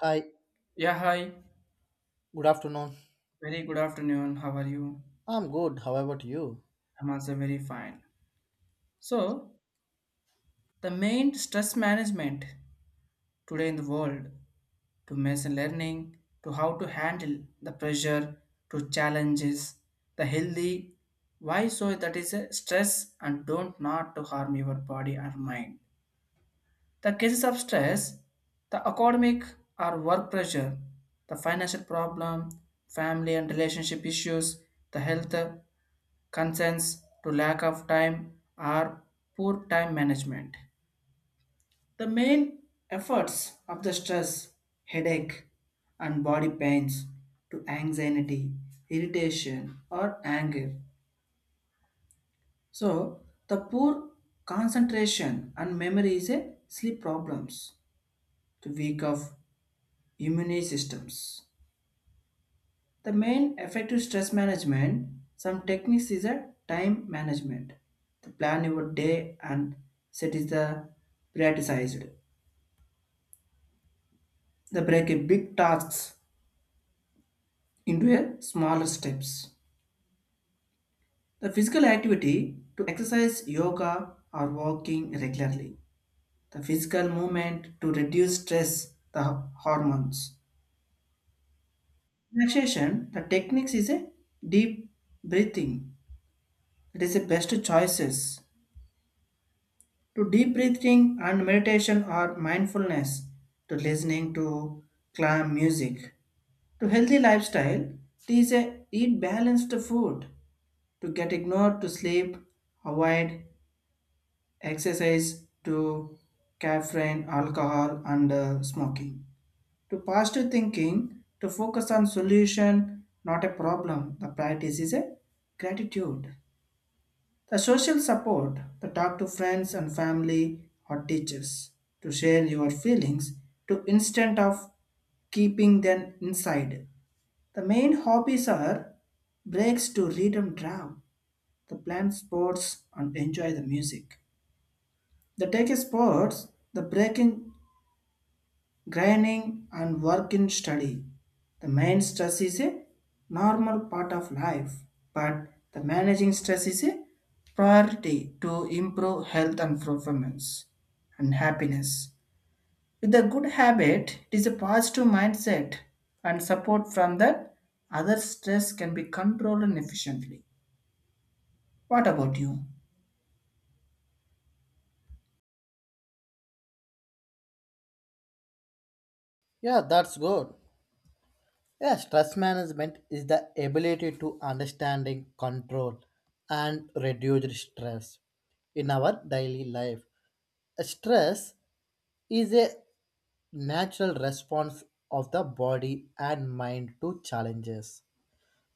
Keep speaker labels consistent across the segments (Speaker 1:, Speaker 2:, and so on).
Speaker 1: Hi,
Speaker 2: Yeah, hi.
Speaker 1: good afternoon.
Speaker 2: Very good afternoon. How are you?
Speaker 1: I'm good. How about you?
Speaker 2: I'm also very fine. So, the main stress management today in the world to machine learning, to how to handle the pressure, to challenges, the healthy. Why so that is a stress and don't not to harm your body or mind. The cases of stress, the academic or work pressure, the financial problem, family and relationship issues, the health concerns to lack of time or poor time management. The main efforts of the stress, headache, and body pains to anxiety, irritation, or anger. So, the poor concentration and memory is a sleep problems to weak of immune systems. The main effective stress management, some techniques is a time management. The plan your day and set is the prioritized. The break a big tasks into a smaller steps. The physical activity to exercise yoga or walking regularly. The physical movement to reduce stress, the hormones. Relaxation, the techniques is a deep breathing. It is the best choices to deep breathing and meditation or mindfulness to listening to calm music to healthy lifestyle these eat balanced food to get ignored to sleep avoid exercise to caffeine alcohol and smoking to positive thinking to focus on solution not a problem, the practice is a gratitude, the social support, the talk to friends and family or teachers, to share your feelings, to instead of keeping them inside. The main hobbies are breaks to read and draw, the plan sports and enjoy the music. The take sports, the breaking grinding and work in study. The main stress is a normal part of life, but the managing stress is a priority to improve health and performance and happiness. With a good habit, it is a positive mindset and support from that other stress can be controlled and efficiently. What about you?
Speaker 1: Yeah, that's good. Yeah, stress management is the ability to understanding, control, and reduce stress in our daily life. Stress is a natural response of the body and mind to challenges,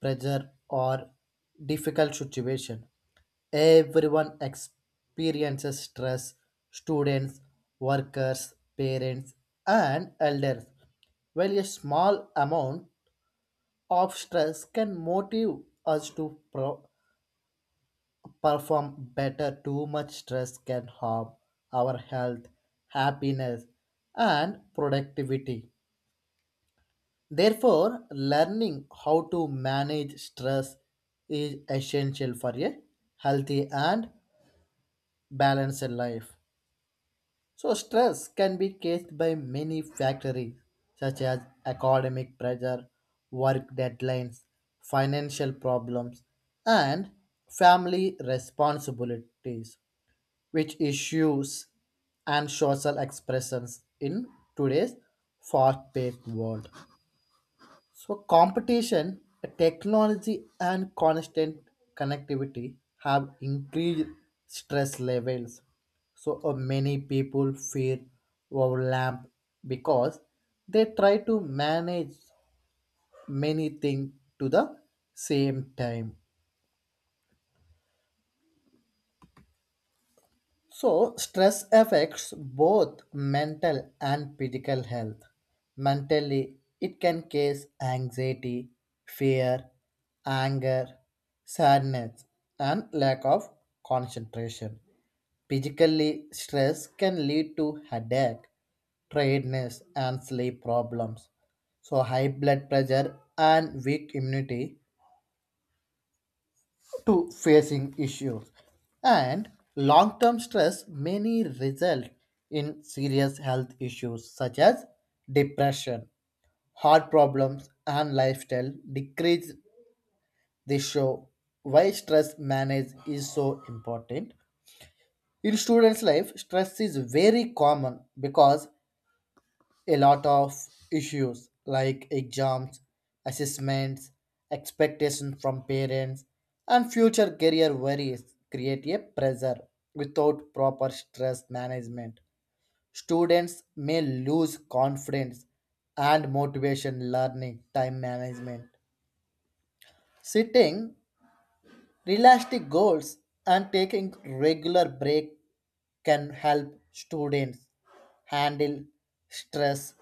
Speaker 1: pressure, or difficult situation. Everyone experiences stress students, workers, parents, and elders. While a small amount of stress can motivate us to perform better, too much stress can harm our health, happiness, and productivity. Therefore, learning how to manage stress is essential for a healthy and balanced life. So stress can be caused by many factors such as academic pressure, work deadlines, financial problems, and family responsibilities, which issues and social expressions in today's fast-paced world. So, competition, technology, and constant connectivity have increased stress levels. So, many people fear overwhelm because they try to manage many things to the same time. So, stress affects both mental and physical health. Mentally, it can cause anxiety, fear, anger, sadness, and lack of concentration. Physically, stress can lead to headache, tiredness, and sleep problems. So, high blood pressure and weak immunity to facing issues and long-term stress many result in serious health issues such as depression, heart problems, and lifestyle decrease. They show why stress manage is so important. In students life, stress is very common because a lot of issues like exams, assessments, expectations from parents, and future career worries create a pressure without proper stress management. Students may lose confidence and motivation learning time management. Setting realistic goals and taking regular break can help students handle stress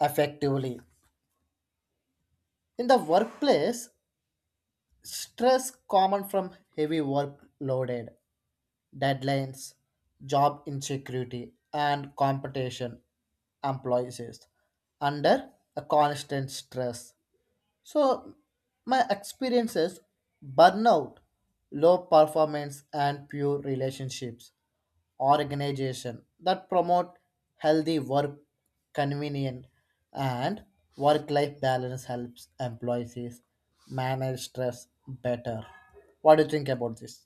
Speaker 1: effectively. In the workplace, stress common from heavy workloaded, deadlines, job insecurity, and competition employees is under a constant stress. So my experiences burnout, low performance and pure relationships organization that promote healthy work convenient and work life balance helps employees manage stress better. What do you think about this?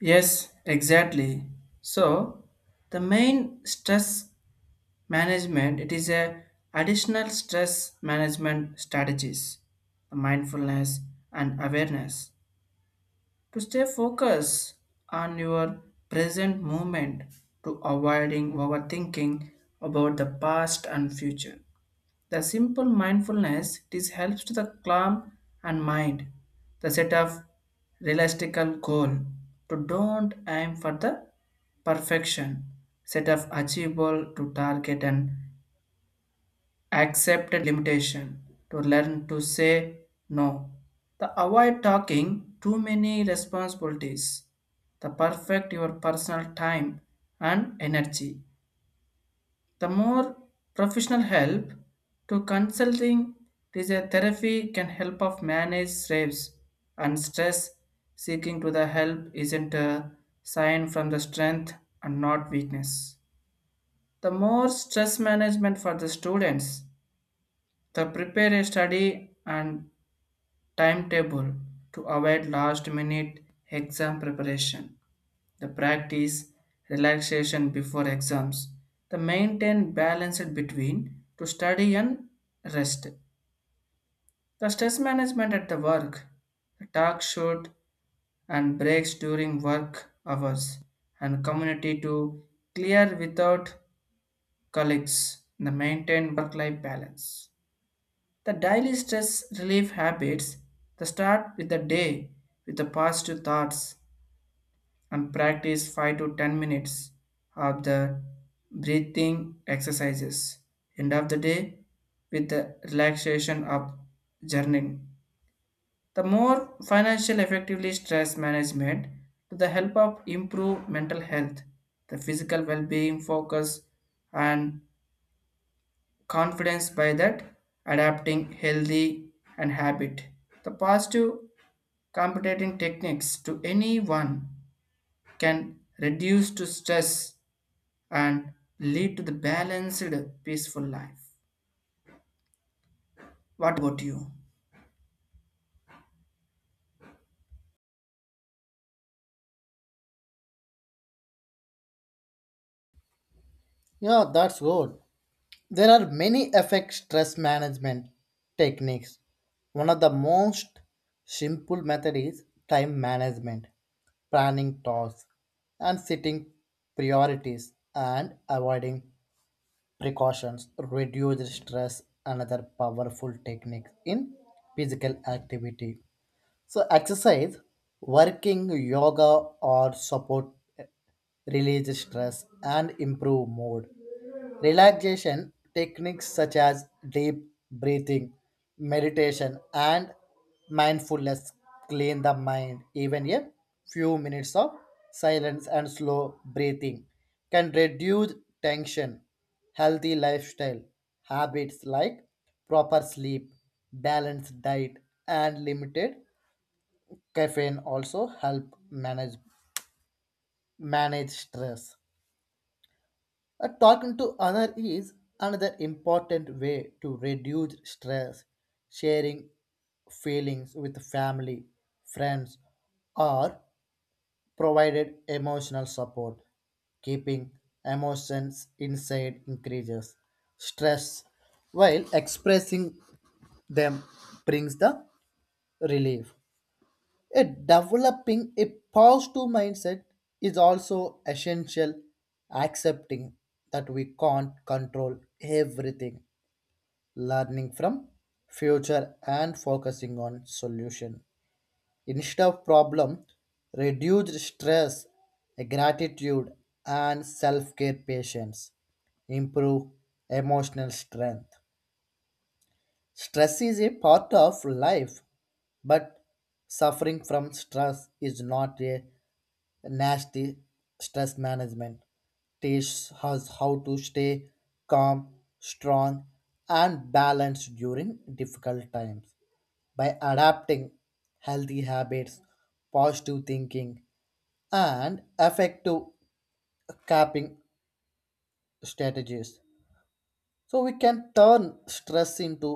Speaker 2: Yes, exactly. So, the main stress management it is a additional stress management strategies, mindfulness and awareness to stay focused on your present moment, to avoiding overthinking about the past and future. The simple mindfulness it is helps to the calm and mind. The set of realistic goal to don't aim for the perfection, set of achievable to target and accept a limitation, to learn to say no. The avoid talking too many responsibilities, the perfect your personal time and energy. The more professional help to consulting is a therapy can help of manage stress and stress. Seeking to the help isn't a sign from the strength and not weakness. The more stress management for the students, the prepare a study and timetable to avoid last minute exam preparation. The practice relaxation before exams. The maintain balance between to study and rest. The stress management at the work. The talk shoot and breaks during work hours and community to clear without colleagues. The maintain work life balance. The daily stress relief habits, the start with the day with the positive thoughts and practice 5 to 10 minutes of the breathing exercises. End of the day with the relaxation of journaling. The more financial effectively stress management to the help of improve mental health, the physical well-being focus and confidence by that adapting healthy and habit, the positive competing techniques to anyone can reduce to stress and lead to the balanced peaceful life. What about you?
Speaker 1: Yeah, that's good. There are many effect stress management techniques. One of the most simple method is time management, planning tasks and setting priorities and avoiding precautions reduce stress. Another powerful technique in physical activity. So, exercise, working, yoga, or support release stress and improve mood. Relaxation techniques such as deep breathing, meditation, and mindfulness clean the mind. Even a few minutes of silence and slow breathing can reduce tension. Healthy lifestyle habits like proper sleep, balanced diet, and limited caffeine also help manage stress. Talking to other is another important way to reduce stress. Sharing feelings with family, friends, or provided emotional support. Keeping emotions inside increases stress, while expressing them brings the relief. A developing a positive mindset is also essential, accepting that we can't control everything, learning from future and focusing on solution. Instead of problem, reduce stress, gratitude and self-care patience improve emotional strength. Stress is a part of life, but suffering from stress is not a nasty. Stress management teaches us how to stay calm, strong, and balanced during difficult times. By adapting healthy habits, positive thinking, and effective coping strategies, so we can turn stress into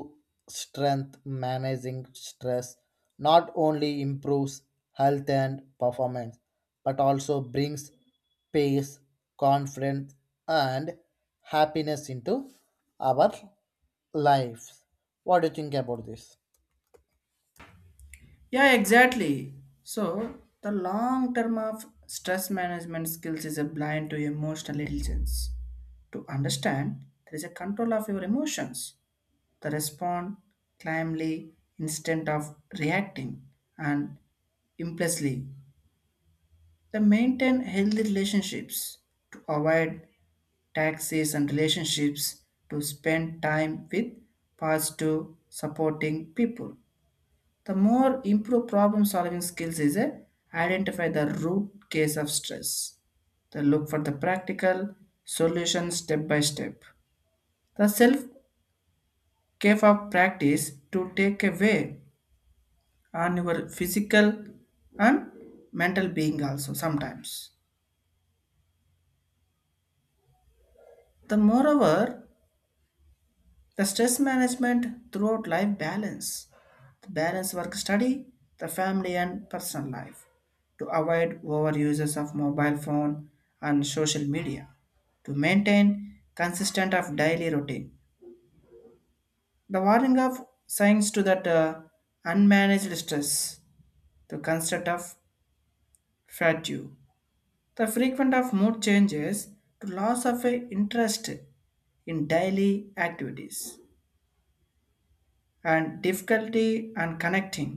Speaker 1: strength. Managing stress not only improves health and performance, but also brings peace, confidence, and happiness into our lives. What do you think about this?
Speaker 2: Yeah, exactly. So, the long term of stress management skills is a blind to emotional intelligence to understand there is a control of your emotions, the respond calmly instead of reacting and impulsively. They maintain healthy relationships to avoid taxes and relationships, to spend time with positive supporting people. The more improved problem solving skills is a identify the root case of stress. They look for the practical solution step by step. The self care of practice to take away on your physical and mental being also sometimes. The moreover, the stress management throughout life balance, the balance work study, the family and personal life to avoid overuses of mobile phone and social media, to maintain consistent of daily routine. The warning of signs to that unmanaged stress, the concept of fatigue, the frequent of mood changes to loss of a interest in daily activities and difficulty and connecting.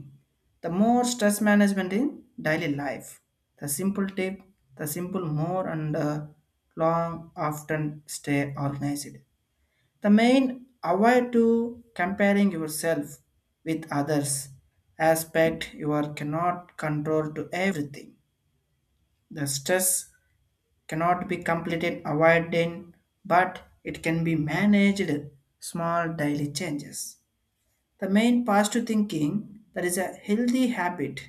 Speaker 2: The more stress management in daily life. The simple tip, the simple more and long often stay organized. The main avoid to comparing yourself with others, aspect you are cannot control to everything. The stress cannot be completed avoided, but it can be managed small daily changes. The main positive thinking that is a healthy habit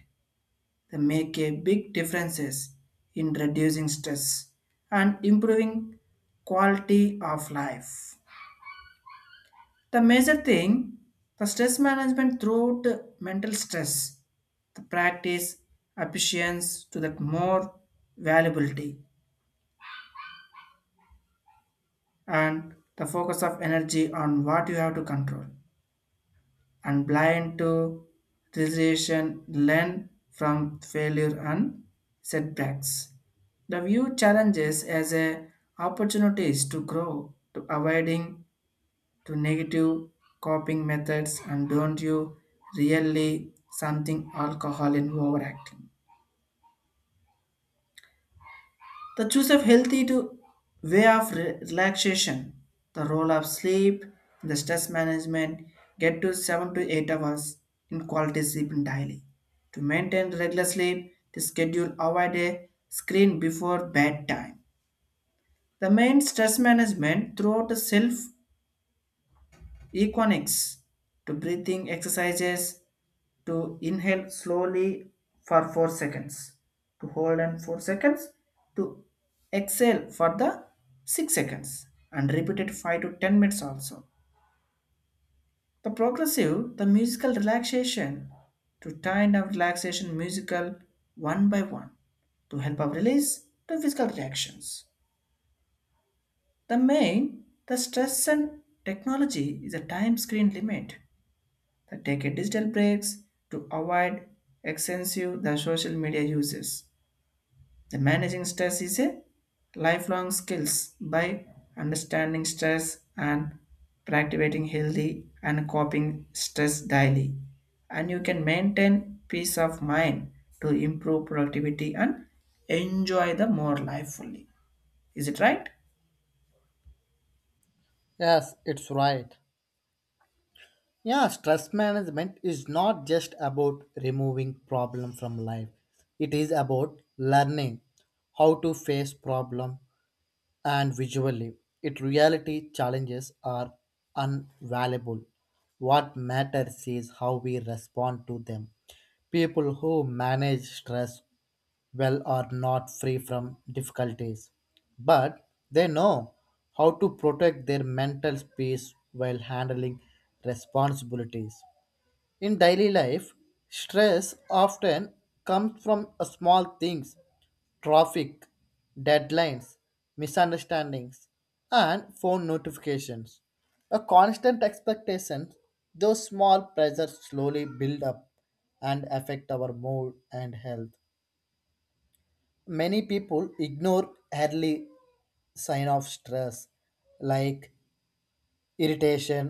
Speaker 2: that make a big differences in reducing stress and improving quality of life. The major thing, the stress management throughout the mental stress, the practice appreciates to that more valuability and the focus of energy on what you have to control and blind to realization, learn from failure and setbacks, the view challenges as a opportunities to grow, to avoiding to negative coping methods and don't you really something alcohol in overacting. The choice of healthy to way of relaxation, the role of sleep, the stress management, get to 7 to 8 hours in quality sleep daily. To maintain regular sleep, the schedule avoid a screen before bedtime. The main stress management throughout the self economics to breathing exercises to inhale slowly for 4 seconds, to hold and 4 seconds, to exhale for the 6 seconds and repeat it 5 to 10 minutes, also the progressive the musical relaxation to time our relaxation musical one by one to help our release the physical reactions. The main the stress and technology is a time screen limit. They take a digital breaks to avoid extensive the social media uses. The managing stress is a lifelong skills by understanding stress and practicing healthy and coping stress daily. And you can maintain peace of mind to improve productivity and enjoy the more life fully. Is it right?
Speaker 1: Yes, it's right. Yeah, stress management is not just about removing problem from life. It is about learning how to face problem, and visually. It reality challenges are invaluable. What matters is how we respond to them. People who manage stress well are not free from difficulties, but they know how to protect their mental peace while handling responsibilities. In daily life, stress often comes from small things traffic, deadlines, misunderstandings, and phone notifications. A constant expectation, those small pressures slowly build up and affect our mood and health. Many people ignore early sign of stress like irritation,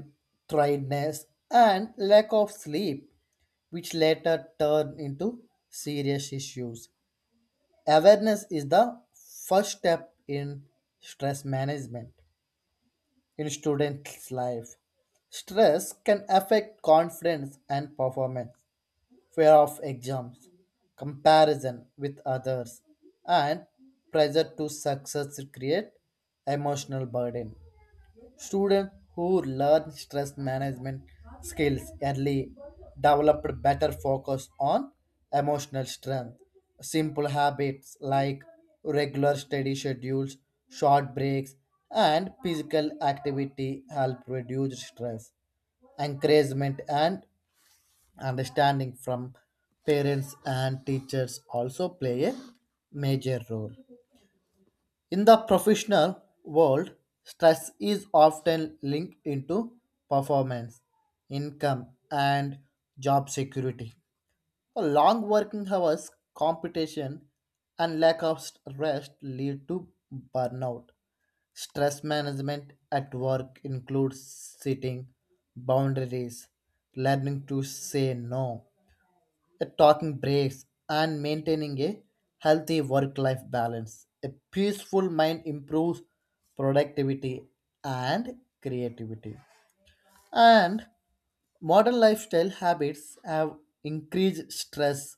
Speaker 1: tiredness, and lack of sleep which later turn into serious issues. Awareness is the first step in stress management in students' life. Stress can affect confidence and performance, fear of exams, comparison with others, and pressure to success create emotional burden. Students who learn stress management skills early develop better focus on emotional strength. Simple habits like regular study schedules, short breaks, and physical activity help reduce stress. Encouragement and understanding from parents and teachers also play a major role. In the professional world, stress is often linked into performance, income, and job security. The long working hours, competition, and lack of rest lead to burnout. Stress management at work includes setting boundaries, learning to say no, talking breaks, and maintaining a healthy work life balance. A peaceful mind improves productivity and creativity. And modern lifestyle habits have increased stress,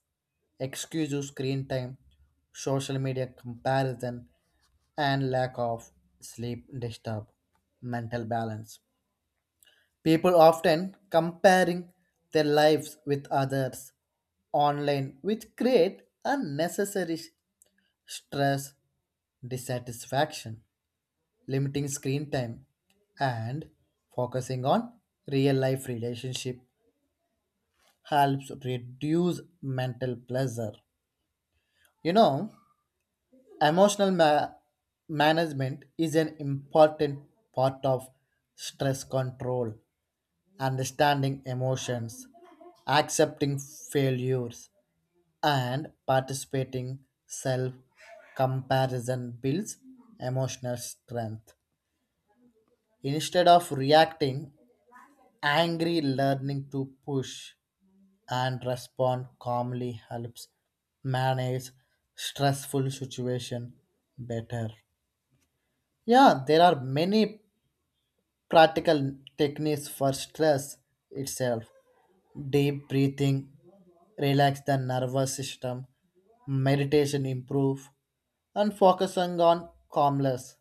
Speaker 1: excessive screen time, social media comparison, and lack of sleep disturb mental balance. People often comparing their lives with others online, which create unnecessary stress, dissatisfaction, limiting screen time, and focusing on real life relationship helps reduce mental pleasure. You know, emotional management is an important part of stress control understanding emotions, accepting failures, and participating self comparison builds emotional strength. Instead of reacting angry, learning to push and respond calmly helps manage stressful situation better. Yeah, there are many practical techniques for stress itself. Deep breathing relax the nervous system, meditation improve, and focusing on calmness.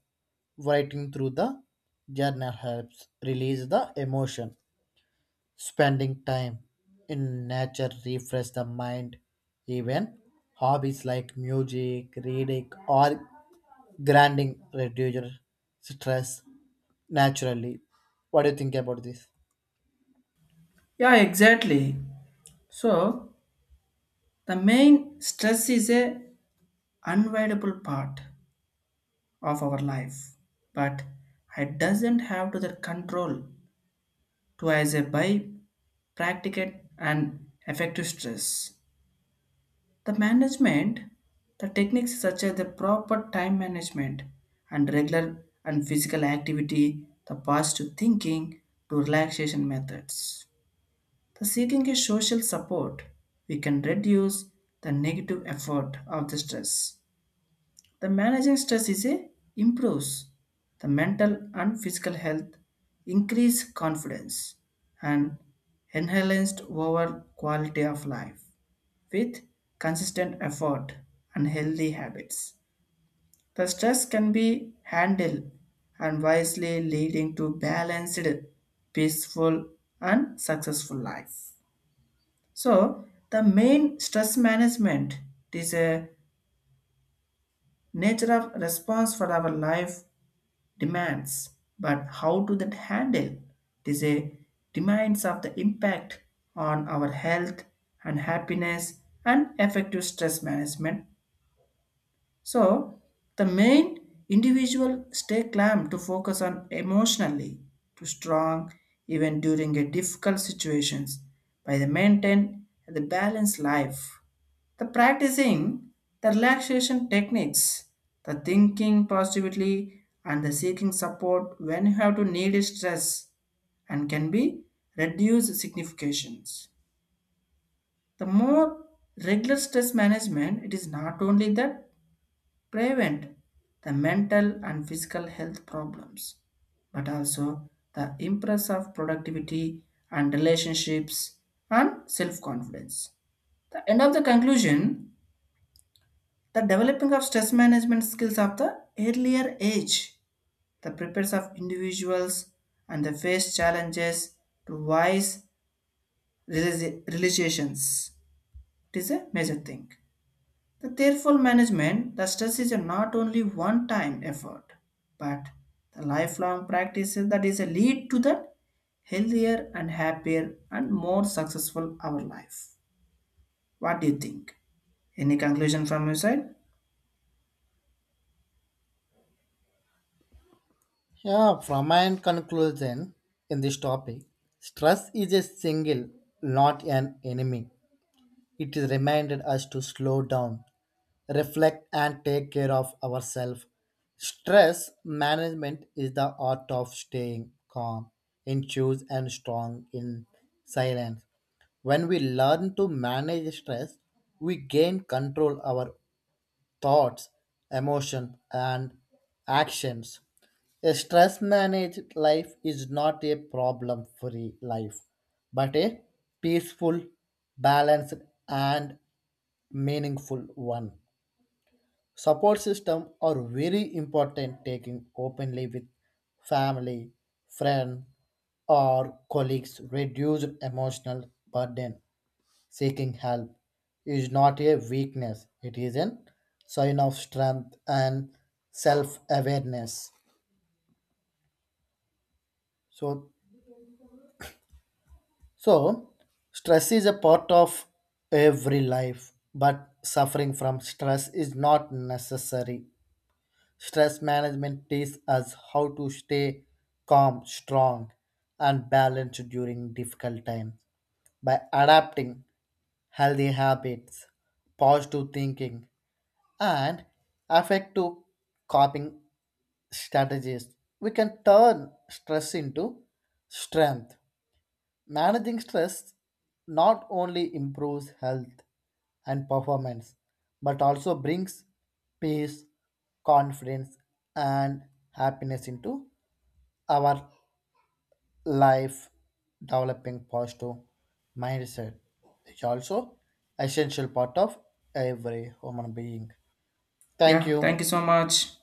Speaker 1: Writing through the journal helps release the emotion. Spending time in nature refresh the mind. Even hobbies like music, reading, or grinding reduce stress naturally. What do you think about this?
Speaker 2: Yeah, exactly. So, the main stress is a unavoidable part of our life. But it doesn't have to the control to as a by practicate and effective stress. The management, the techniques such as the proper time management and regular and physical activity, the positive thinking to relaxation methods. The seeking a social support, we can reduce the negative effort of the stress. The managing stress is a improves the mental and physical health, increase confidence, and enhanced overall quality of life with consistent effort and healthy habits. The stress can be handled and wisely leading to balanced, peaceful, and successful life. So, the main stress management is a nature of response for our life demands, but how do that handle? It is a demands of the impact on our health and happiness and effective stress management. So, the main individual stay calm to focus on emotionally to strong even during a difficult situations by the maintain the balanced life. The practicing the relaxation techniques, the thinking positively and the seeking support when you have to need stress, and can be reduced significations. The more regular stress management, it is not only that prevent the mental and physical health problems, but also the impress of productivity and relationships and self-confidence. The end of the conclusion, the developing of stress management skills of the earlier age, the prepares of individuals and the face challenges to wise realizations. It is a major thing. The careful management, the stress is not only one-time effort, but the lifelong practice that is a lead to the healthier and happier and more successful our life. What do you think? Any conclusion from your side?
Speaker 1: Yeah, from my end conclusion in this topic, stress is a single, not an enemy. It is reminded us to slow down, reflect, and take care of ourselves. Stress management is the art of staying calm, in choose and strong in silence. When we learn to manage stress, we gain control our thoughts, emotion, and actions. A stress managed life is not a problem free life, but a peaceful, balanced, and meaningful one. Support system are very important taking openly with family, friend, or colleagues reduce emotional burden. Seeking help is not a weakness, it is a sign of strength and self awareness. So, so, stress is a part of every life, but suffering from stress is not necessary. Stress management teaches us how to stay calm, strong, and balanced during difficult times by adapting healthy habits, positive thinking, and effective coping strategies. We can turn stress into strength. Managing stress not only improves health and performance, but also brings peace, confidence, and happiness into our life, developing positive mindset is also essential part of every human being. Thank
Speaker 2: Yeah,
Speaker 1: you.
Speaker 2: thank you so much.